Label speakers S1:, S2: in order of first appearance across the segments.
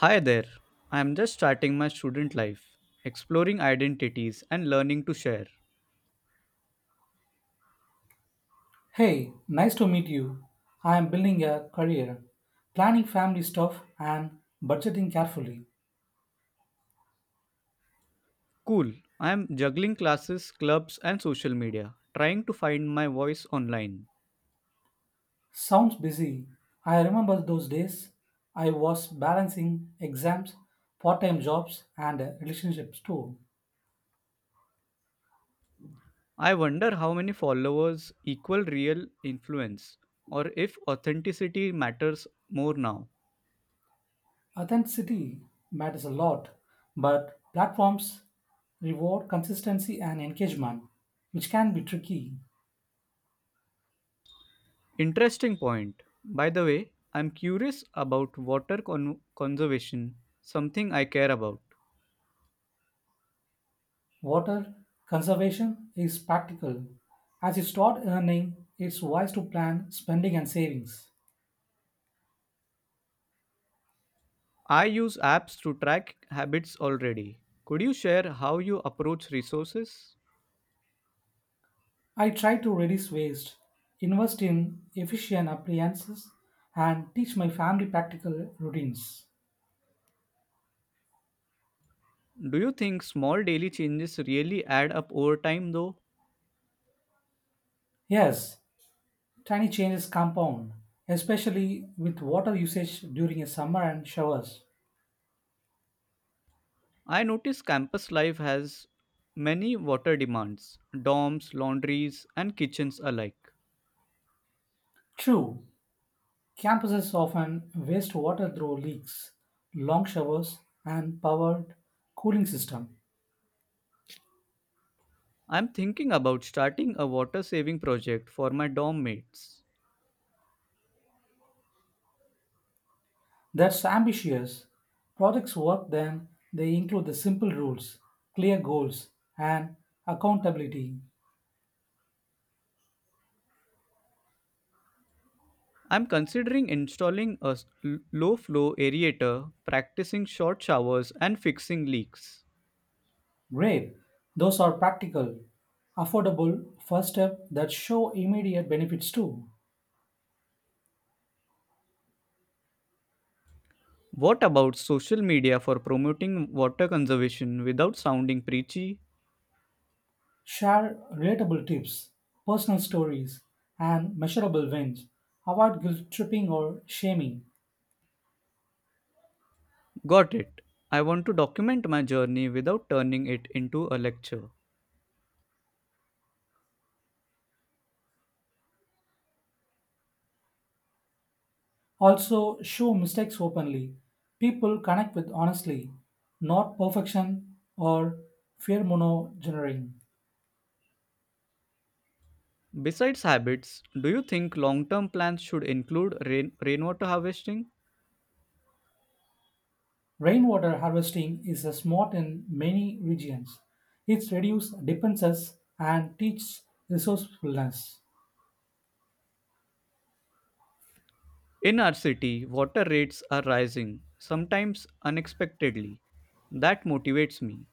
S1: Hi there. I am just starting my student life, exploring identities and learning to share.
S2: Hey, nice to meet you. I am building a career, planning family stuff, and budgeting carefully.
S1: Cool. I am juggling classes, clubs, and social media, trying to find my voice online.
S2: Sounds busy. I remember those days. I was balancing exams, part time jobs, and relationships too.
S1: I wonder how many followers equal real influence, or if authenticity matters more now.
S2: Authenticity matters a lot, but platforms reward consistency and engagement, which can be tricky.
S1: Interesting point. By the way, I'm curious about water conservation, something I care about.
S2: Water conservation is practical. As you start earning, it's wise to plan spending and savings.
S1: I use apps to track habits already. Could you share how you approach resources?
S2: I try to reduce waste, invest in efficient appliances, and teach my family practical routines.
S1: Do you think small daily changes really add up over time though?
S2: Yes, tiny changes compound, especially with water usage during a summer and showers.
S1: I notice campus life has many water demands, dorms, laundries, and kitchens alike.
S2: True, campuses often waste water through leaks, long showers, and powered cooling system.
S1: I'm thinking about starting a water saving project for my dorm mates.
S2: That's ambitious. Projects work then they include the simple rules, clear goals, and accountability.
S1: I'm considering installing a low flow aerator, practicing short showers, and fixing leaks.
S2: Great. Those are practical, affordable first step that show immediate benefits too.
S1: What about social media for promoting water conservation without sounding preachy?
S2: Share relatable tips, personal stories, and measurable wins. Avoid guilt tripping or shaming.
S1: Got it. I want to document my journey without turning it into a lecture.
S2: Also, show mistakes openly. People connect with honestly, not perfection or fear monogenering.
S1: Besides habits, do you think long term plans should include rainwater harvesting?
S2: Rainwater harvesting is smart in many regions. It reduces dependencies and teaches resourcefulness.
S1: In our city, water rates are rising, sometimes unexpectedly. That motivates me.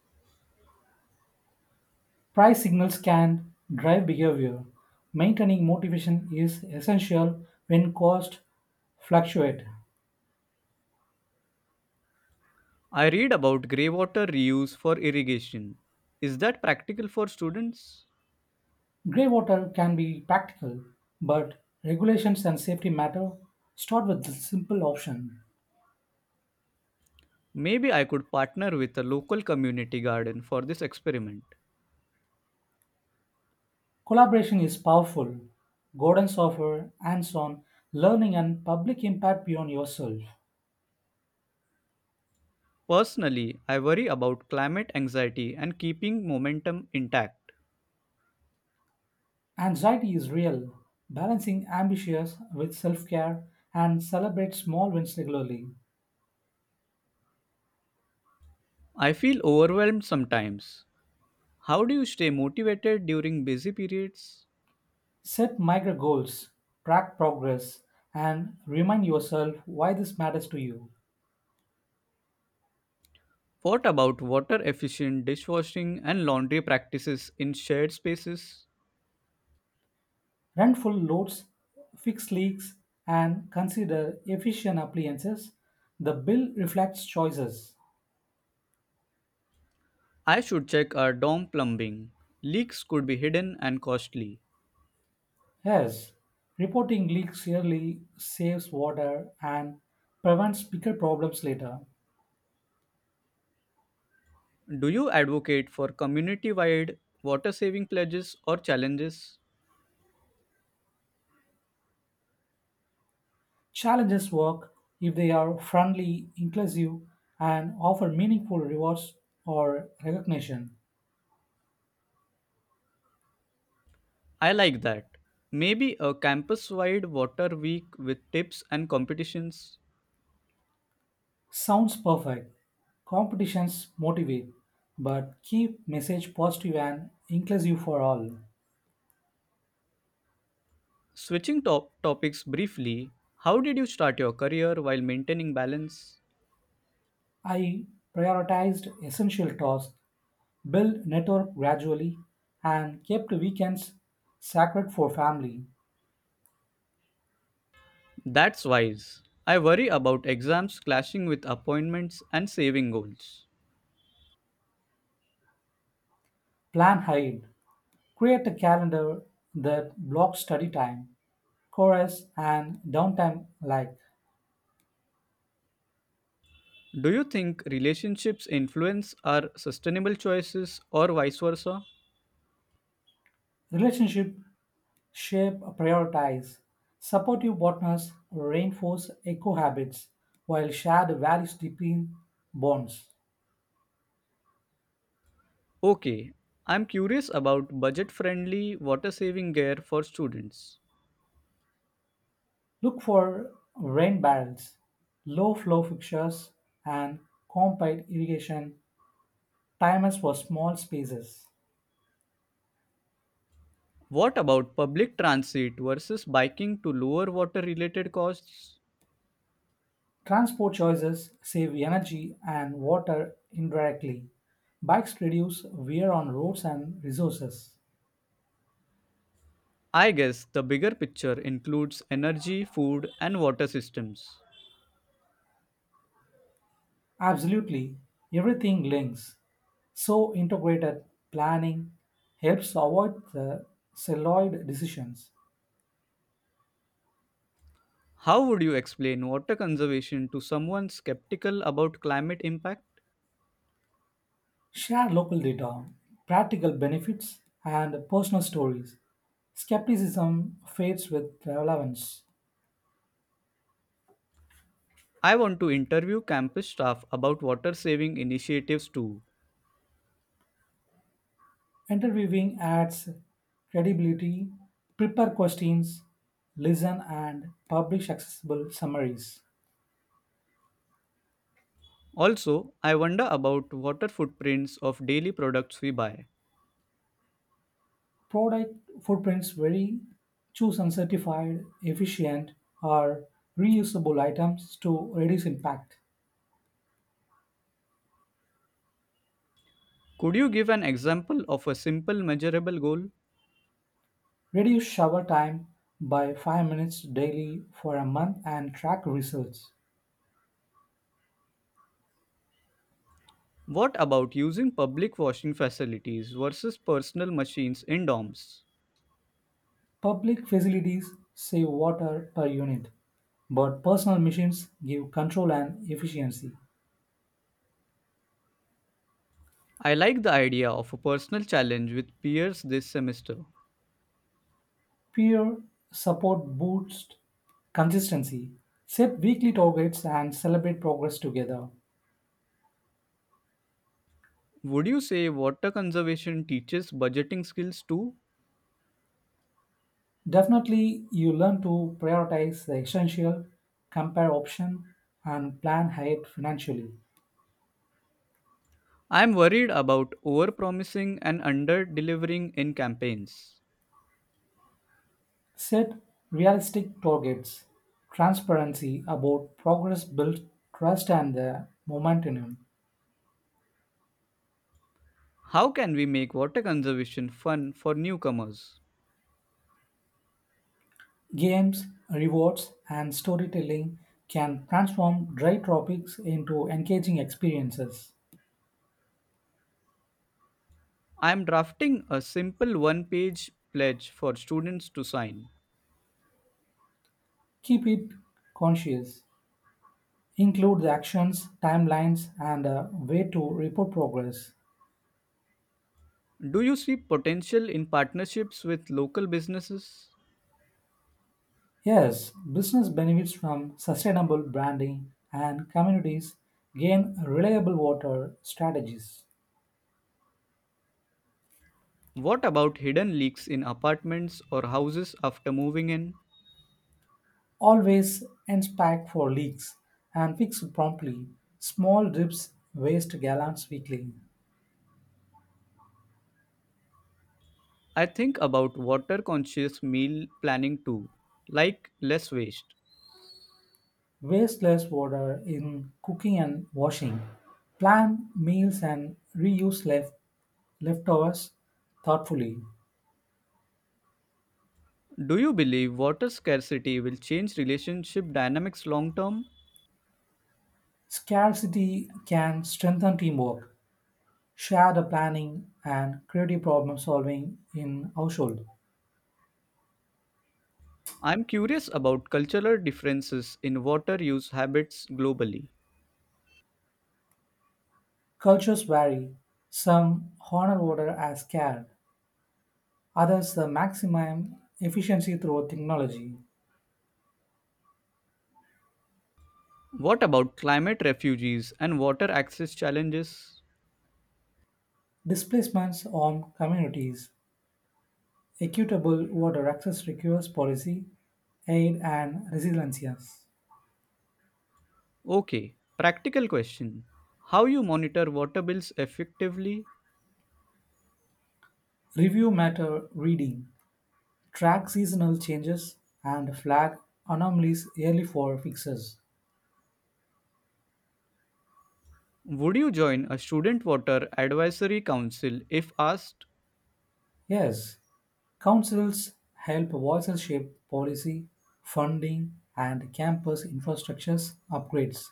S2: Price signals can drive behavior. Maintaining motivation is essential when costs fluctuate.
S1: I read about greywater reuse for irrigation. Is that practical for students?
S2: Grey water can be practical, but regulations and safety matter. Start with the simple option.
S1: Maybe I could partner with a local community garden for this experiment.
S2: Collaboration is powerful. Gordon Software, hands on, learning, and public impact beyond yourself.
S1: Personally, I worry about climate anxiety and keeping momentum intact.
S2: Anxiety is real. Balancing ambitions with self care and celebrate small wins regularly.
S1: I feel overwhelmed sometimes. How do you stay motivated during busy periods?
S2: Set micro goals, track progress, and remind yourself why this matters to you.
S1: What about water efficient dishwashing and laundry practices in shared spaces?
S2: Run full loads, fix leaks, and consider efficient appliances. The bill reflects choices.
S1: I should check our dorm plumbing. Leaks could be hidden and costly.
S2: Yes, reporting leaks yearly saves water and prevents bigger problems later.
S1: Do you advocate for community wide water saving pledges or challenges?
S2: Challenges work if they are friendly, inclusive, and offer meaningful rewards or recognition.
S1: I like that. Maybe a campus wide water week with tips and competitions.
S2: Sounds perfect. Competitions motivate, but keep message positive and inclusive for all.
S1: Switching topics briefly, how did you start your career while maintaining balance?
S2: I prioritized essential tasks, built network gradually, and kept weekends sacred for family.
S1: That's wise. I worry about exams clashing with appointments and saving goals.
S2: Plan ahead. Create a calendar that blocks study time, chorus, and downtime alike.
S1: Do you think relationships influence our sustainable choices or vice versa?
S2: Relationship shape prioritize. Supportive partners reinforce eco habits while shared values deepen bonds.
S1: Okay, I'm curious about budget friendly water saving gear for students.
S2: Look for rain barrels, low flow fixtures, and compact irrigation timers for small spaces.
S1: What about public transit versus biking to lower water related costs?
S2: Transport choices save energy and water indirectly. Bikes reduce wear on roads and resources.
S1: I guess the bigger picture includes energy, food, and water systems.
S2: Absolutely, everything links. So, integrated planning helps avoid the celluloid decisions.
S1: How would you explain water conservation to someone skeptical about climate impact?
S2: Share local data, practical benefits, and personal stories. Skepticism fades with relevance.
S1: I want to interview campus staff about water saving initiatives too.
S2: Interviewing adds credibility, prepare questions, listen, and publish accessible summaries.
S1: Also, I wonder about water footprints of daily products we buy.
S2: Product footprints vary. Choose uncertified, efficient, or reusable items to reduce impact.
S1: Could you give an example of a simple measurable goal?
S2: Reduce shower time by 5 minutes daily for a month and track results.
S1: What about using public washing facilities versus personal machines in dorms?
S2: Public facilities save water per unit, but personal machines give control and efficiency.
S1: I like the idea of a personal challenge with peers this semester.
S2: Peer support boosts consistency. Set weekly targets and celebrate progress together.
S1: Would you say water conservation teaches budgeting skills too?
S2: Definitely, you learn to prioritize the essential, compare options, and plan ahead financially.
S1: I am worried about overpromising and underdelivering in campaigns.
S2: Set realistic targets. Transparency about progress builds trust and the momentum.
S1: How can we make water conservation fun for newcomers?
S2: Games, rewards, and storytelling can transform dry topics into engaging experiences.
S1: I am drafting a simple one page pledge for students to sign.
S2: Keep it conscious. Include the actions, timelines, and a way to report progress.
S1: Do you see potential in partnerships with local businesses?
S2: Yes, business benefits from sustainable branding and communities gain reliable water strategies.
S1: What about hidden leaks in apartments or houses after moving in?
S2: Always and pack for leaks and fix promptly. Small drips waste gallons weekly.
S1: I think about water conscious meal planning too, like less waste.
S2: Waste less water in cooking and washing. Plan meals and reuse left leftovers thoughtfully.
S1: Do you believe water scarcity will change relationship dynamics long term?
S2: Scarcity can strengthen teamwork. Share the planning and creative problem solving in household.
S1: I'm curious about cultural differences in water use habits globally.
S2: Cultures vary. Some honor order as care, others the maximum efficiency through technology.
S1: What about climate refugees and water access challenges?
S2: Displacements on communities. Equitable water access requires policy, aid and resilience.
S1: Okay, practical question. How you monitor water bills effectively?
S2: Review matter reading. Track seasonal changes and flag anomalies early for fixes.
S1: Would you join a student water advisory council if asked?
S2: Yes, councils help voices shape policy, funding, and campus infrastructures upgrades.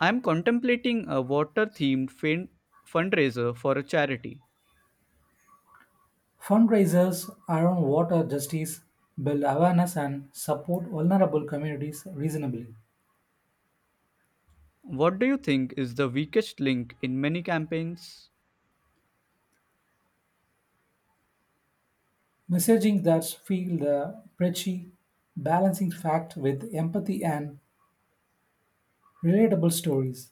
S1: I am contemplating a water themed fundraiser for a charity.
S2: Fundraisers around water justice build awareness and support vulnerable communities reasonably.
S1: What do you think is the weakest link in many campaigns?
S2: Messaging that feel the preachy, balancing fact with empathy and relatable stories.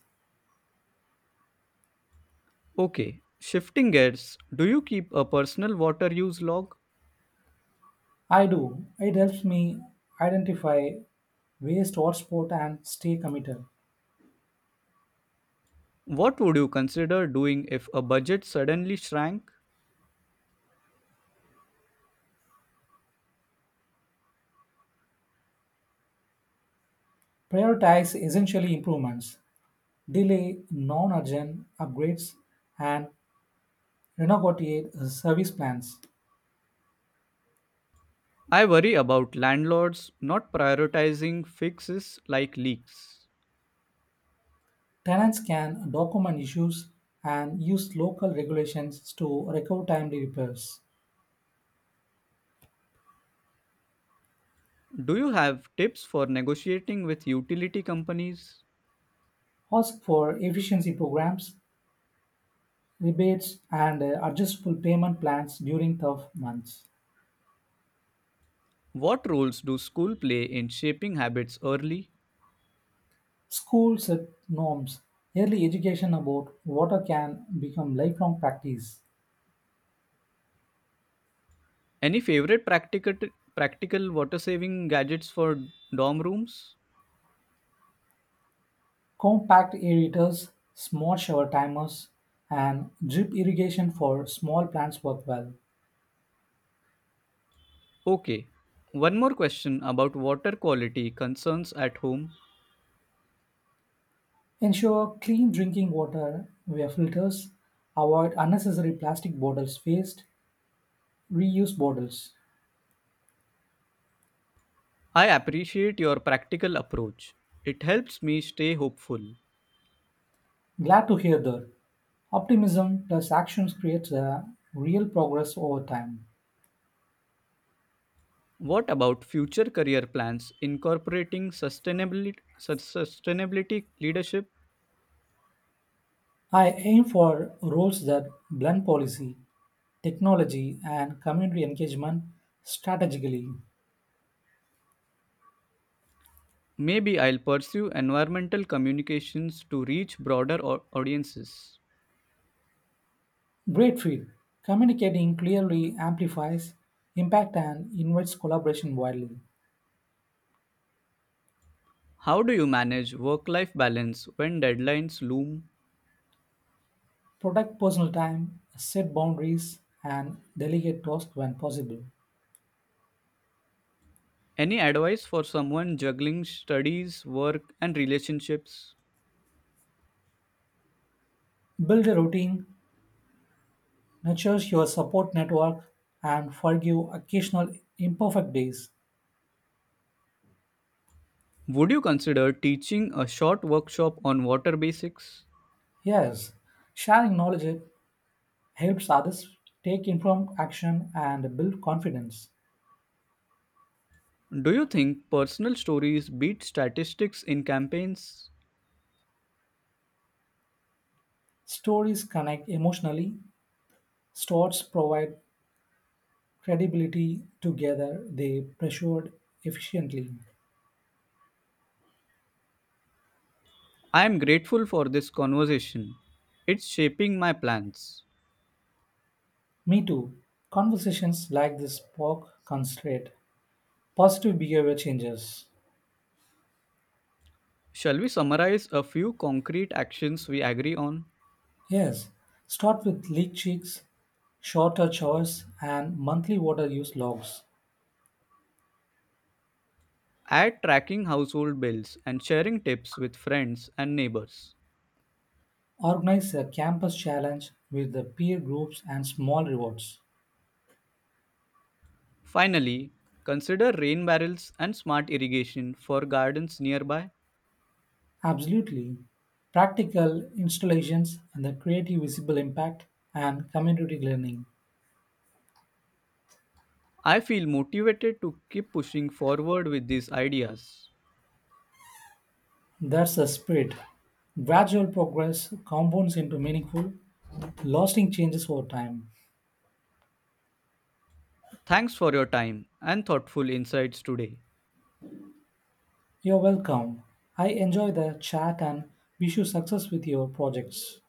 S1: Okay, shifting gears, do you keep a personal water use log?
S2: I do. It helps me identify waste, or sport and stay committed.
S1: What would you consider doing if a budget suddenly shrank?
S2: Prioritize essentially improvements. Delay non-urgent upgrades, and renegotiate service plans.
S1: I worry about landlords not prioritizing fixes like leaks.
S2: Tenants can document issues and use local regulations to recover timely repairs.
S1: Do you have tips for negotiating with utility companies?
S2: Ask for efficiency programs, rebates, and adjustable payment plans during tough months.
S1: What roles do school play in shaping habits early?
S2: Schools set norms. Early education about water can become lifelong practice.
S1: Any favorite practical water saving gadgets for dorm rooms?
S2: Compact aerators, small shower timers, and drip irrigation for small plants work well.
S1: Okay. One more question about water quality concerns at home.
S2: Ensure clean drinking water via filters, avoid unnecessary plastic bottles waste, reuse bottles.
S1: I appreciate your practical approach. It helps me stay hopeful.
S2: Glad to hear that. Optimism plus actions creates a real progress over time.
S1: What about future career plans incorporating sustainability, sustainability leadership?
S2: I aim for roles that blend policy, technology, and community engagement strategically.
S1: Maybe I'll pursue environmental communications to reach broader audiences.
S2: Great field. Communicating clearly amplifies impact and invites collaboration widely.
S1: How do you manage work life balance when deadlines loom?
S2: Protect personal time, set boundaries, and delegate tasks when possible.
S1: Any advice for someone juggling studies, work, and relationships?
S2: Build a routine, nurture your support network, and forgive occasional imperfect days.
S1: Would you consider teaching a short workshop on water basics?
S2: Yes, sharing knowledge helps others take informed action and build confidence.
S1: Do you think personal stories beat statistics in campaigns?
S2: Stories connect emotionally, stories provide credibility together they pressured efficiently.
S1: I am grateful for this conversation. It's shaping my plans.
S2: Me too. Conversations like this spark concentrate positive behavior changes.
S1: Shall we summarize a few concrete actions we agree on?
S2: Yes, start with leak checks, shorter chores and monthly water use logs.
S1: Add tracking household bills and sharing tips with friends and neighbors.
S2: Organize a campus challenge with the peer groups and small rewards.
S1: Finally, consider rain barrels and smart irrigation for gardens nearby.
S2: Absolutely practical installations and the creative visible impact and community learning.
S1: I feel motivated to keep pushing forward with these ideas.
S2: That's the spirit. Gradual progress compounds into meaningful, lasting changes over time.
S1: Thanks for your time and thoughtful insights today.
S2: You're welcome. I enjoy the chat and wish you success with your projects.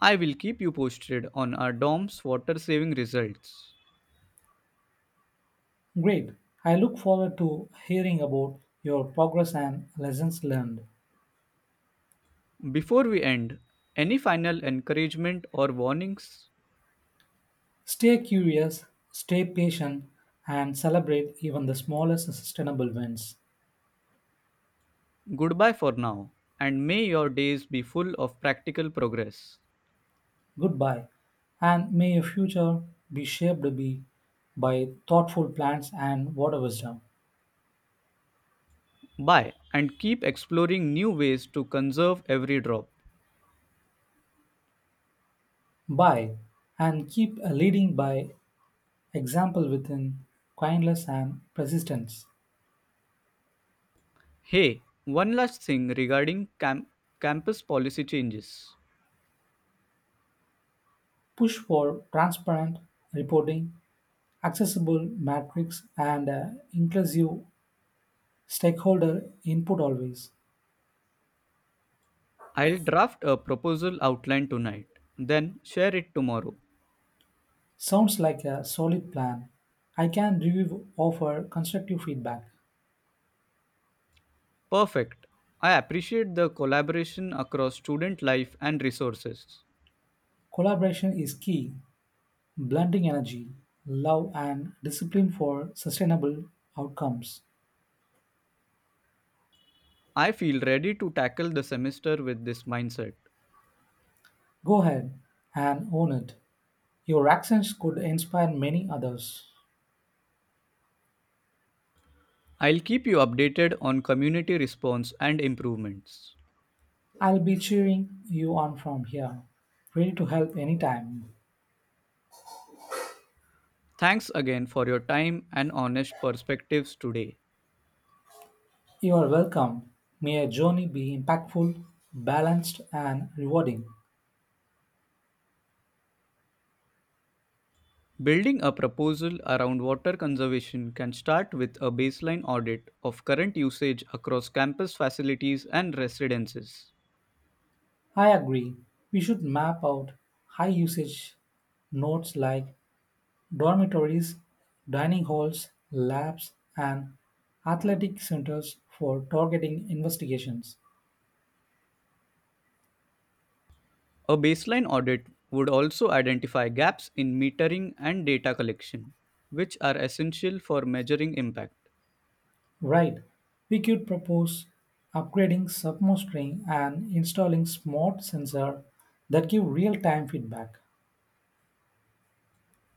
S1: I will keep you posted on our DOMS water saving results.
S2: Great. I look forward to hearing about your progress and lessons learned.
S1: Before we end, any final encouragement or warnings?
S2: Stay curious, stay patient, and celebrate even the smallest sustainable wins.
S1: Goodbye for now, and may your days be full of practical progress.
S2: Goodbye. And may your future be shaped to be by thoughtful plans and water wisdom.
S1: Bye, and keep exploring new ways to conserve every drop.
S2: Buy and keep a leading by example within kindness and persistence.
S1: Hey, one last thing regarding campus policy changes.
S2: Push for transparent reporting, accessible metrics, and inclusive stakeholder input always.
S1: I'll draft a proposal outline tonight, then share it tomorrow.
S2: Sounds like a solid plan. I can review, offer constructive feedback.
S1: Perfect. I appreciate the collaboration across student life and resources.
S2: Collaboration is key, blending energy, love, and discipline for sustainable outcomes.
S1: I feel ready to tackle the semester with this mindset.
S2: Go ahead and own it. Your accents could inspire many others.
S1: I'll keep you updated on community response and improvements.
S2: I'll be cheering you on from here. Ready to help anytime.
S1: Thanks again for your time and honest perspectives today.
S2: You are welcome. May your journey be impactful, balanced, and rewarding.
S1: Building a proposal around water conservation can start with a baseline audit of current usage across campus facilities and residences.
S2: I agree. We should map out high usage nodes like dormitories, dining halls, labs, and athletic centers for targeting investigations.
S1: A baseline audit would also identify gaps in metering and data collection, which are essential for measuring impact.
S2: Right. We could propose upgrading submostering and installing smart sensor that give real-time feedback.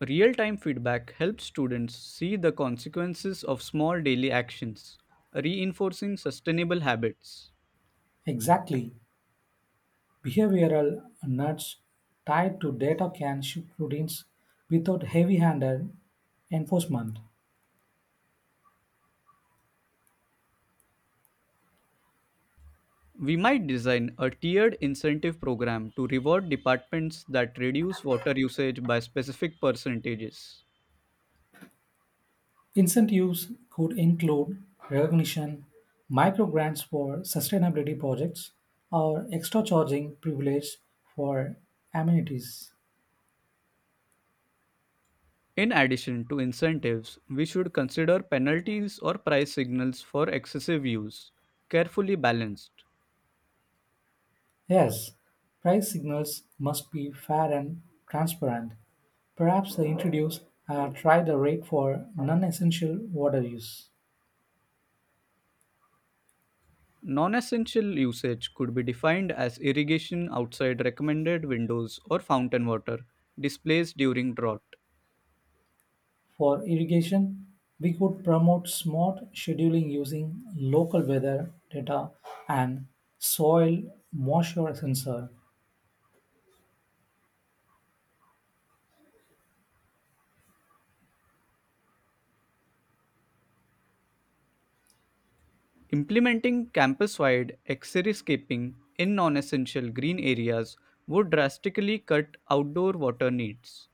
S1: Real time feedback helps students see the consequences of small daily actions, reinforcing sustainable habits.
S2: Exactly. Behavioral nuts tied to data can shift routines without heavy-handed enforcement.
S1: We might design a tiered incentive program to reward departments that reduce water usage by specific percentages.
S2: Incentives could include recognition, micro grants for sustainability projects, or extra charging privilege for amenities.
S1: In addition to incentives, we should consider penalties or price signals for excessive use, carefully balanced.
S2: Yes, price signals must be fair and transparent. Perhaps they introduce a tried rate for non-essential water use.
S1: Non essential usage could be defined as irrigation outside recommended windows or fountain water displays during drought.
S2: For irrigation, we could promote smart scheduling using local weather data and soil moisture sensor.
S1: Implementing campus wide xeriscaping in non essential green areas would drastically cut outdoor water needs.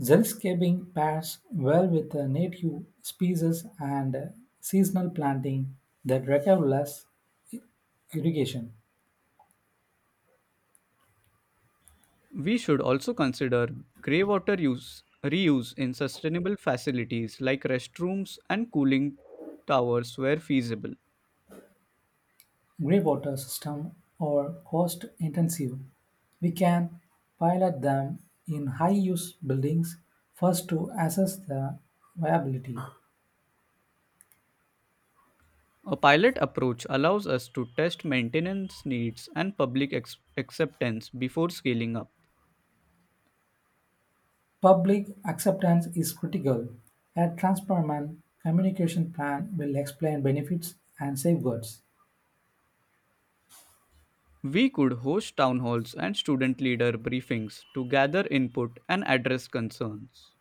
S2: Zeldscaping pairs well with the native species and seasonal planting that require less irrigation.
S1: We should also consider grey water use reuse in sustainable facilities like restrooms and cooling towers where feasible.
S2: Grey water system are cost intensive. We can pilot them in high use buildings first to assess the viability.
S1: A pilot approach allows us to test maintenance needs and public acceptance before scaling up.
S2: Public acceptance is critical. A transparent communication plan will explain benefits and safeguards.
S1: We could host town halls and student leader briefings to gather input and address concerns.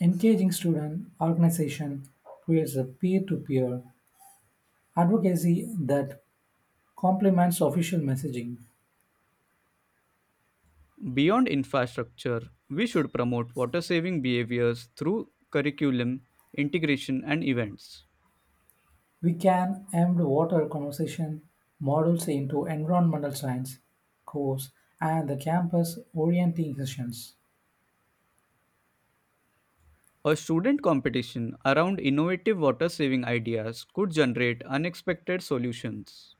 S2: Engaging student organization creates a peer-to-peer advocacy that complements official messaging.
S1: Beyond infrastructure, we should promote water saving behaviors through curriculum, integration, and events.
S2: We can embed water conservation models into environmental science course and the campus orienting orientation
S1: A student competition around innovative water saving ideas could generate unexpected solutions.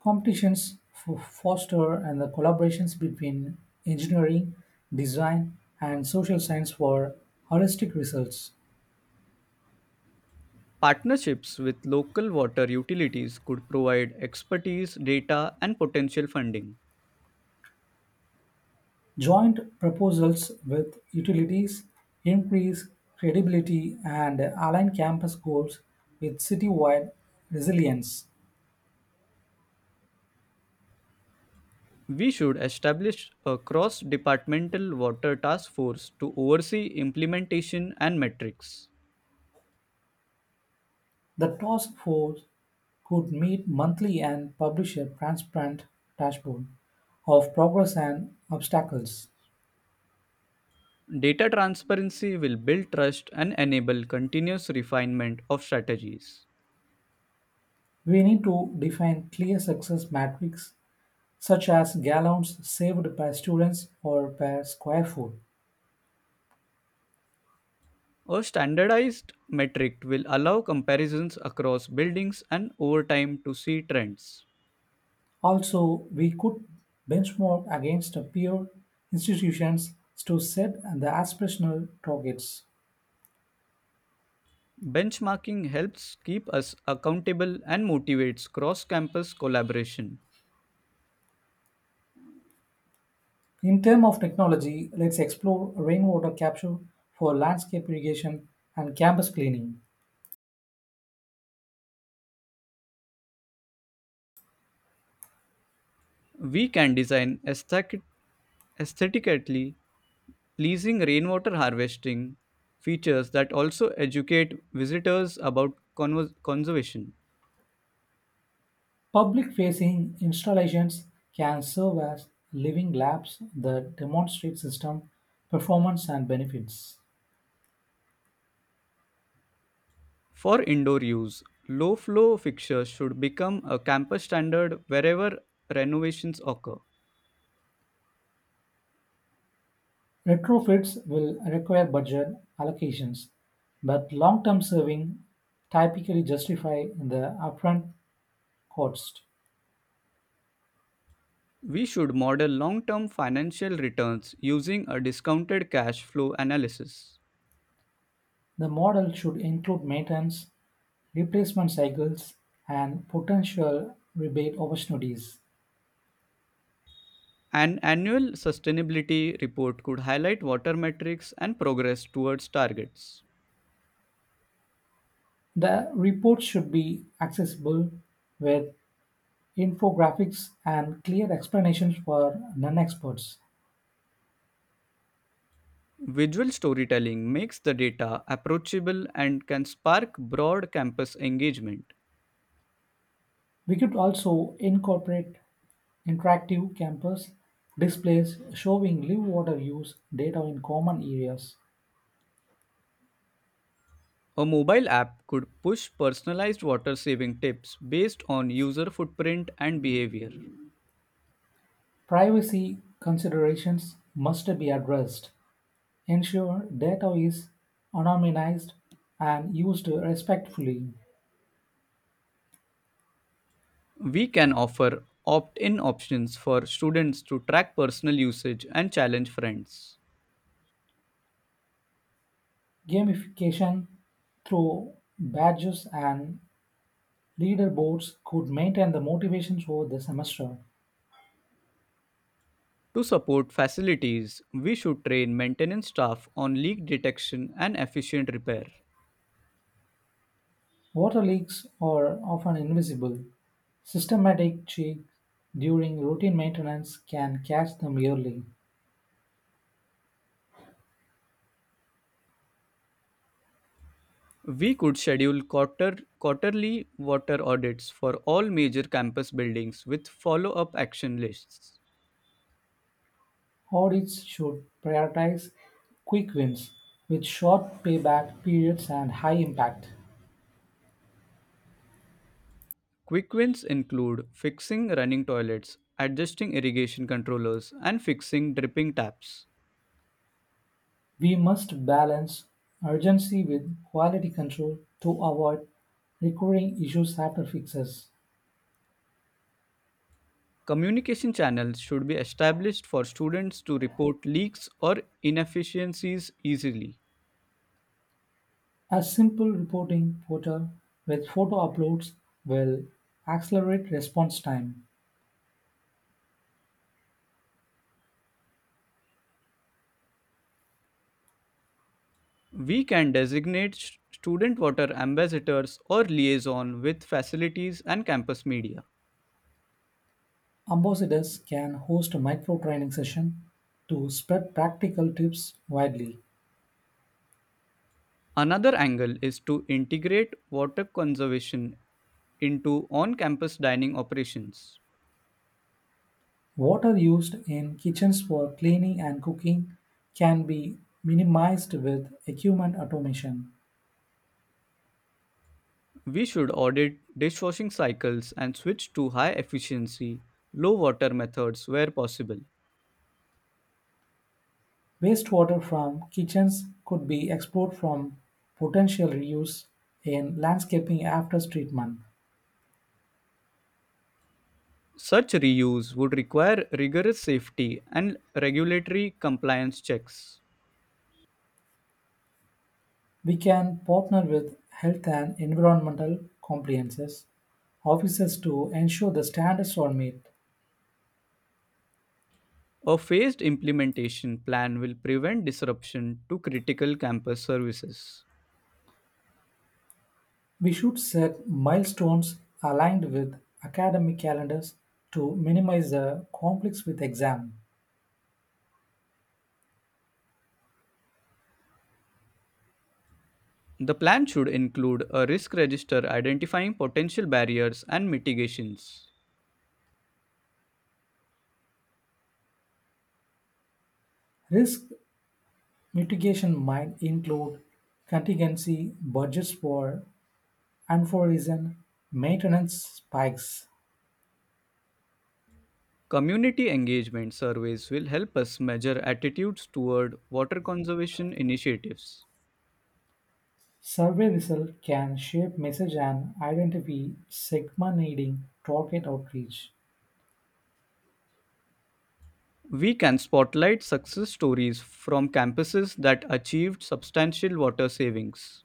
S2: competitions f- foster and the collaborations between engineering, design, and social science for holistic results.
S1: Partnerships with local water utilities could provide expertise, data, and potential funding.
S2: Joint proposals with utilities increase credibility and align campus goals with citywide resilience.
S1: We should establish a cross departmental water task force to oversee implementation and metrics.
S2: The task force could meet monthly and publish a transparent dashboard of progress and obstacles.
S1: Data transparency will build trust and enable continuous refinement of strategies.
S2: We need to define clear success metrics such as gallons saved per students or per square foot.
S1: A standardized metric will allow comparisons across buildings and over time to see trends.
S2: Also, we could benchmark against peer institutions to set the aspirational targets.
S1: Benchmarking helps keep us accountable and motivates cross campus collaboration.
S2: In terms of technology, let's explore rainwater capture for landscape irrigation and campus cleaning.
S1: We can design aesthetically pleasing rainwater harvesting features that also educate visitors about conservation.
S2: Public-facing installations can serve as living labs that demonstrate system performance and benefits.
S1: For indoor use, low flow fixtures should become a campus standard wherever renovations occur.
S2: Retrofits will require budget allocations, but long-term saving typically justify the upfront cost.
S1: We should model long term financial returns using a discounted cash flow analysis.
S2: The model should include maintenance, replacement cycles, and potential rebate opportunities.
S1: An annual sustainability report could highlight water metrics and progress towards targets.
S2: The report should be accessible with infographics, and clear explanations for non experts.
S1: Visual storytelling makes the data approachable and can spark broad campus engagement.
S2: We could also incorporate interactive campus displays showing live water use data in common areas.
S1: A mobile app could push personalized water saving tips based on user footprint and behavior.
S2: Privacy considerations must be addressed. Ensure data is anonymized and used respectfully.
S1: We can offer opt in options for students to track personal usage and challenge friends.
S2: Gamification through badges and leaderboards could maintain the motivation for the semester.
S1: To support facilities, we should train maintenance staff on leak detection and efficient repair.
S2: Water leaks are often invisible. Systematic checks during routine maintenance can catch them early.
S1: We could schedule quarterly water audits for all major campus buildings with follow up action lists.
S2: Audits should prioritize quick wins with short payback periods and high impact.
S1: Quick wins include fixing running toilets, adjusting irrigation controllers, and fixing dripping taps.
S2: We must balance urgency with quality control to avoid recurring issues after fixes.
S1: Communication channels should be established for students to report leaks or inefficiencies easily.
S2: A simple reporting portal with photo uploads will accelerate response time.
S1: We can designate student water ambassadors or liaison with facilities and campus media.
S2: Ambassadors can host micro training sessions to spread practical tips widely.
S1: Another angle is to integrate water conservation into on campus dining operations.
S2: Water used in kitchens for cleaning and cooking can be minimized with equipment automation.
S1: We should audit dishwashing cycles and switch to high efficiency, low water methods where possible.
S2: Wastewater from kitchens could be explored from potential reuse in landscaping after treatment.
S1: Such reuse would require rigorous safety and regulatory compliance checks.
S2: We can partner with health and environmental compliances officers to ensure the standards are met.
S1: A phased implementation plan will prevent disruption to critical campus services.
S2: We should set milestones aligned with academic calendars to minimize the conflicts with exam.
S1: The plan should include a risk register identifying potential barriers and mitigations.
S2: Risk mitigation might include contingency budgets for unforeseen maintenance spikes.
S1: Community engagement surveys will help us measure attitudes toward water conservation initiatives.
S2: Survey results can shape message and identify segment needing target outreach.
S1: We can spotlight success stories from campuses that achieved substantial water savings.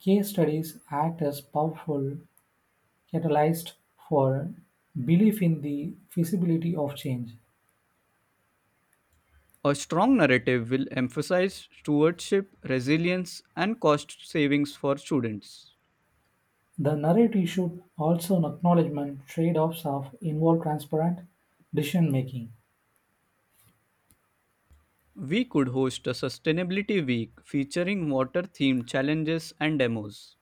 S2: Case studies act as powerful catalysts for belief in the feasibility of change.
S1: A strong narrative will emphasize stewardship, resilience, and cost savings for students.
S2: The narrative issued also an acknowledgment trade-offs of involved transparent decision-making.
S1: We could host a sustainability week featuring water themed challenges and demos.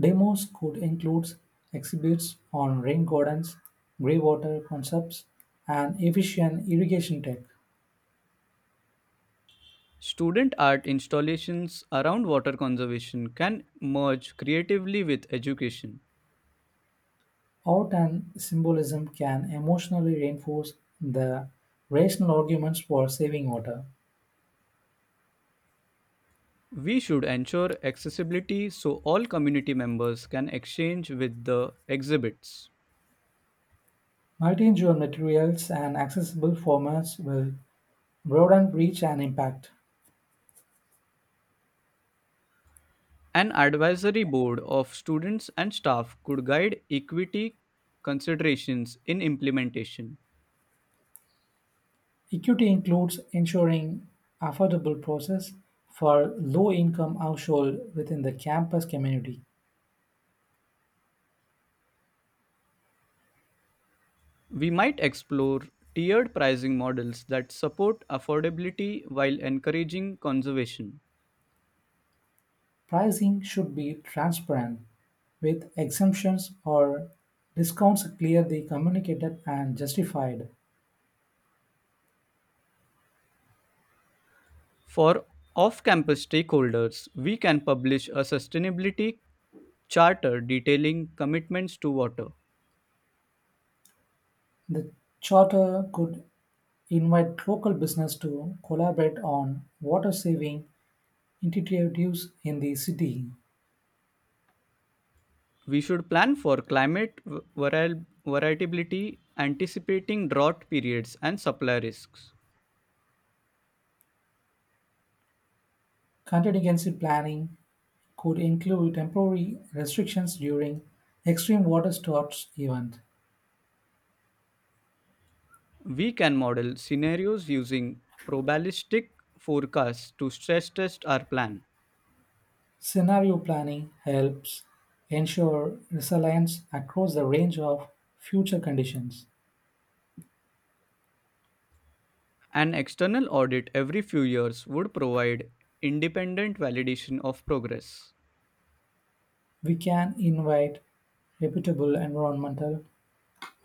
S2: Demos could include exhibits on rain gardens, greywater concepts, and efficient irrigation tech.
S1: Student art installations around water conservation can merge creatively with education.
S2: Art and symbolism can emotionally reinforce the rational arguments for saving water.
S1: We should ensure accessibility so all community members can exchange with the exhibits.
S2: Multi-endure materials and accessible formats will broaden reach and impact.
S1: An advisory board of students and staff could guide equity considerations in implementation.
S2: Equity includes ensuring affordable process for low-income household within the campus community.
S1: We might explore tiered pricing models that support affordability while encouraging conservation.
S2: Pricing should be transparent with exemptions or discounts clearly communicated and justified.
S1: For off campus stakeholders, we can publish a sustainability charter detailing commitments to water.
S2: The charter could invite local business to collaborate on water saving initiatives in the city.
S1: We should plan for climate variability, anticipating drought periods and supply risks.
S2: Contingency planning could include temporary restrictions during extreme water sports events.
S1: We can model scenarios using probabilistic forecasts to stress test our plan.
S2: Scenario planning helps ensure resilience across the range of future conditions.
S1: An external audit every few years would provide independent validation of progress.
S2: We can invite reputable environmental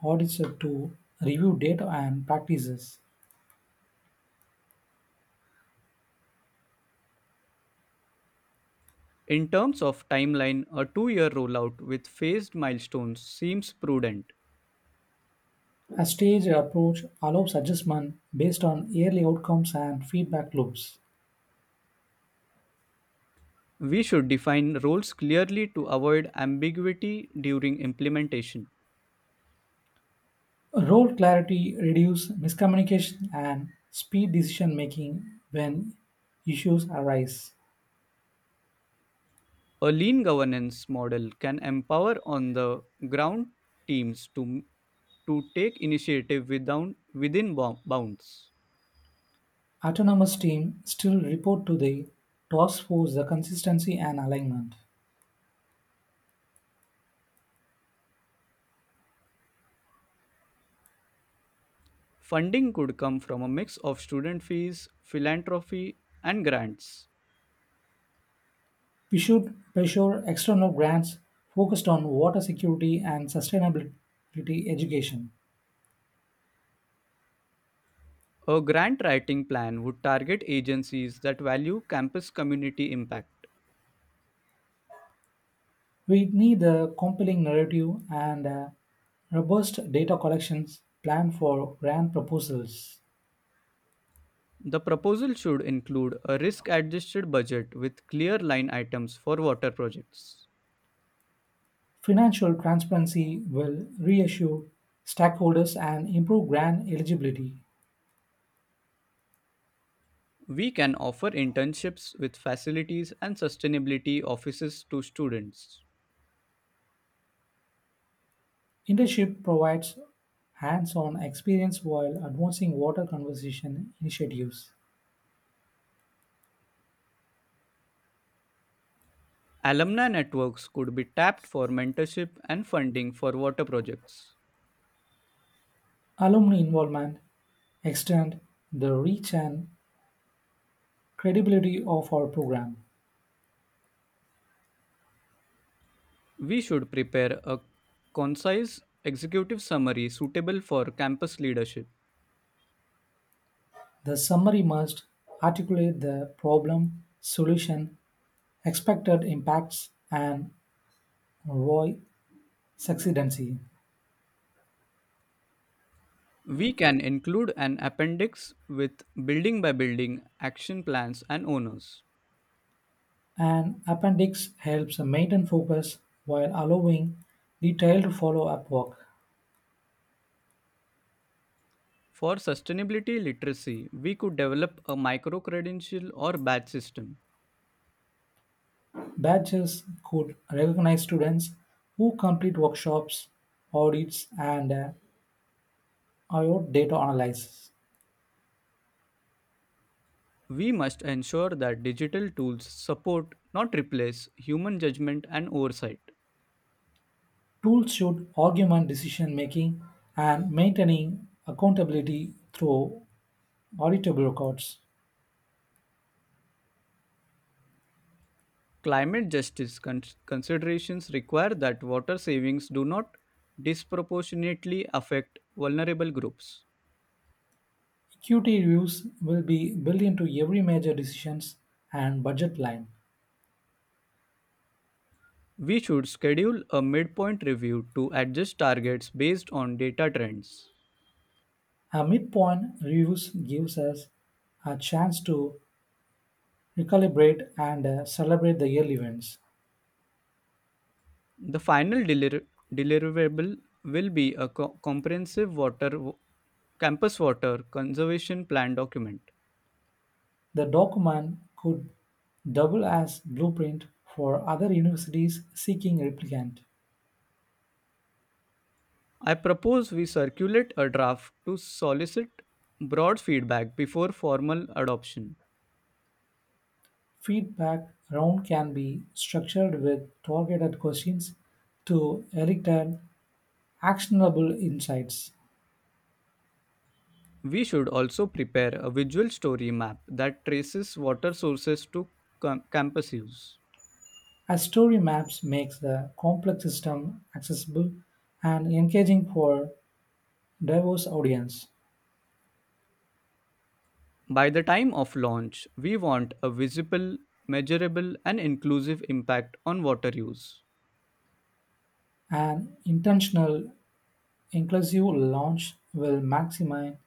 S2: auditors to review data and practices.
S1: In terms of timeline, a 2-year rollout with phased milestones seems prudent.
S2: A staged approach allows adjustment based on yearly outcomes and feedback loops.
S1: We should define roles clearly to avoid ambiguity during implementation.
S2: Role clarity reduces miscommunication and speed decision making when issues arise.
S1: A lean governance model can empower on the ground teams to take initiative without, within bou- bounds.
S2: Autonomous teams still report to the task force the consistency and alignment.
S1: Funding could come from a mix of student fees, philanthropy, and grants.
S2: We should pressure external grants focused on water security and sustainability education.
S1: A grant writing plan would target agencies that value campus community impact.
S2: We need a compelling narrative and a robust data collections plan for grant proposals.
S1: The proposal should include a risk adjusted budget with clear line items for water projects.
S2: Financial transparency will reassure stakeholders and improve grant eligibility.
S1: We can offer internships with facilities and sustainability offices to students.
S2: Internship provides hands-on experience while advancing water conservation initiatives.
S1: Alumni networks could be tapped for mentorship and funding for water projects.
S2: Alumni involvement extend the reach and credibility of our program.
S1: We should prepare a concise executive summary suitable for campus leadership.
S2: The summary must articulate the problem, solution, expected impacts, and why succeedancy.
S1: We can include an appendix with building by building action plans and owners.
S2: An appendix helps maintain focus while allowing detailed follow-up work.
S1: For sustainability literacy, we could develop a micro credential or badge system.
S2: Badges could recognize students who complete workshops, audits, and IOT data analysis.
S1: We must ensure that digital tools support, not replace, human judgment and oversight.
S2: Tools should augment decision making and maintaining accountability through auditable records.
S1: Climate justice considerations require that water savings do not disproportionately affect vulnerable groups.
S2: Equity reviews will be built into every major decisions and budget line.
S1: We should schedule a midpoint review to adjust targets based on data trends.
S2: A midpoint reviews gives us a chance to recalibrate and celebrate the yearly events.
S1: The final deliverable will be a comprehensive water campus water conservation plan document.
S2: The document could double as blueprint for other universities seeking replicant.
S1: I propose we circulate a draft to solicit broad feedback before formal adoption.
S2: Feedback round can be structured with targeted questions to elicit actionable insights.
S1: We should also prepare a visual story map that traces water sources to campus use.
S2: As story maps makes the complex system accessible and engaging for diverse audience,
S1: By the time of launch, we want a visible, measurable, and inclusive impact on water use.
S2: an intentional inclusive launch will maximize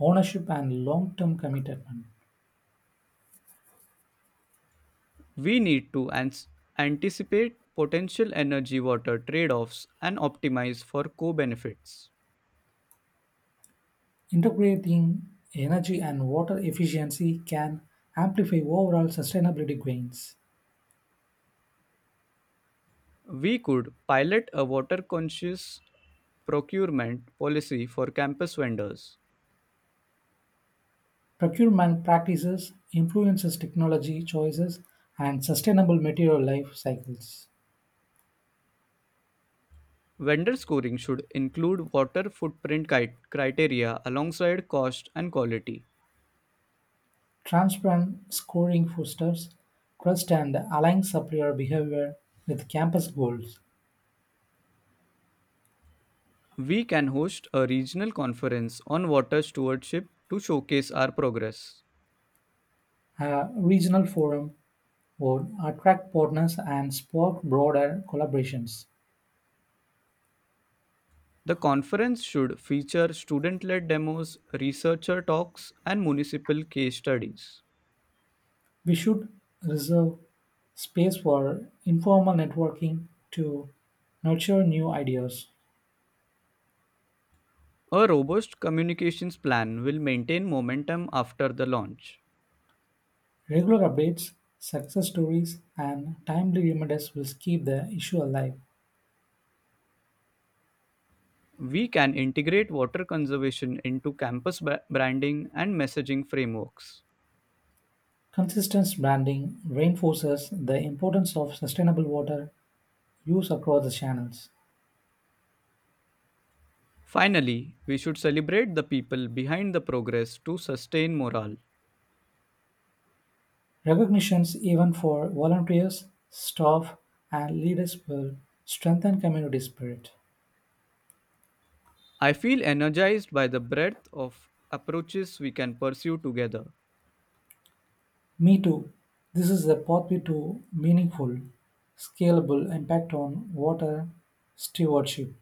S2: ownership and long term commitment.
S1: We need to anticipate potential energy water trade offs and optimize for co benefits.
S2: Integrating energy and water efficiency can amplify overall sustainability gains.
S1: We could pilot a water conscious procurement policy for campus vendors.
S2: Procurement practices influences technology choices and sustainable material life cycles.
S1: Vendor scoring should include water footprint criteria alongside cost and quality.
S2: Transparent scoring fosters trust and aligns supplier behavior with campus goals.
S1: We can host a regional conference on water stewardship to showcase our progress.
S2: A regional forum would attract partners and spark broader collaborations.
S1: The conference should feature student led demos, researcher talks, and municipal case studies.
S2: We should reserve space for informal networking to nurture new ideas.
S1: A robust communications plan will maintain momentum after the launch.
S2: Regular updates, success stories, and timely reminders will keep the issue alive.
S1: We can integrate water conservation into campus branding and messaging frameworks.
S2: Consistent branding reinforces the importance of sustainable water use across the channels.
S1: Finally, we should celebrate the people behind the progress to sustain morale.
S2: Recognitions, even for volunteers, staff, and leaders, will strengthen community spirit.
S1: I feel energized by the breadth of approaches we can pursue together.
S2: Me too. This is the pathway to meaningful, scalable impact on water stewardship.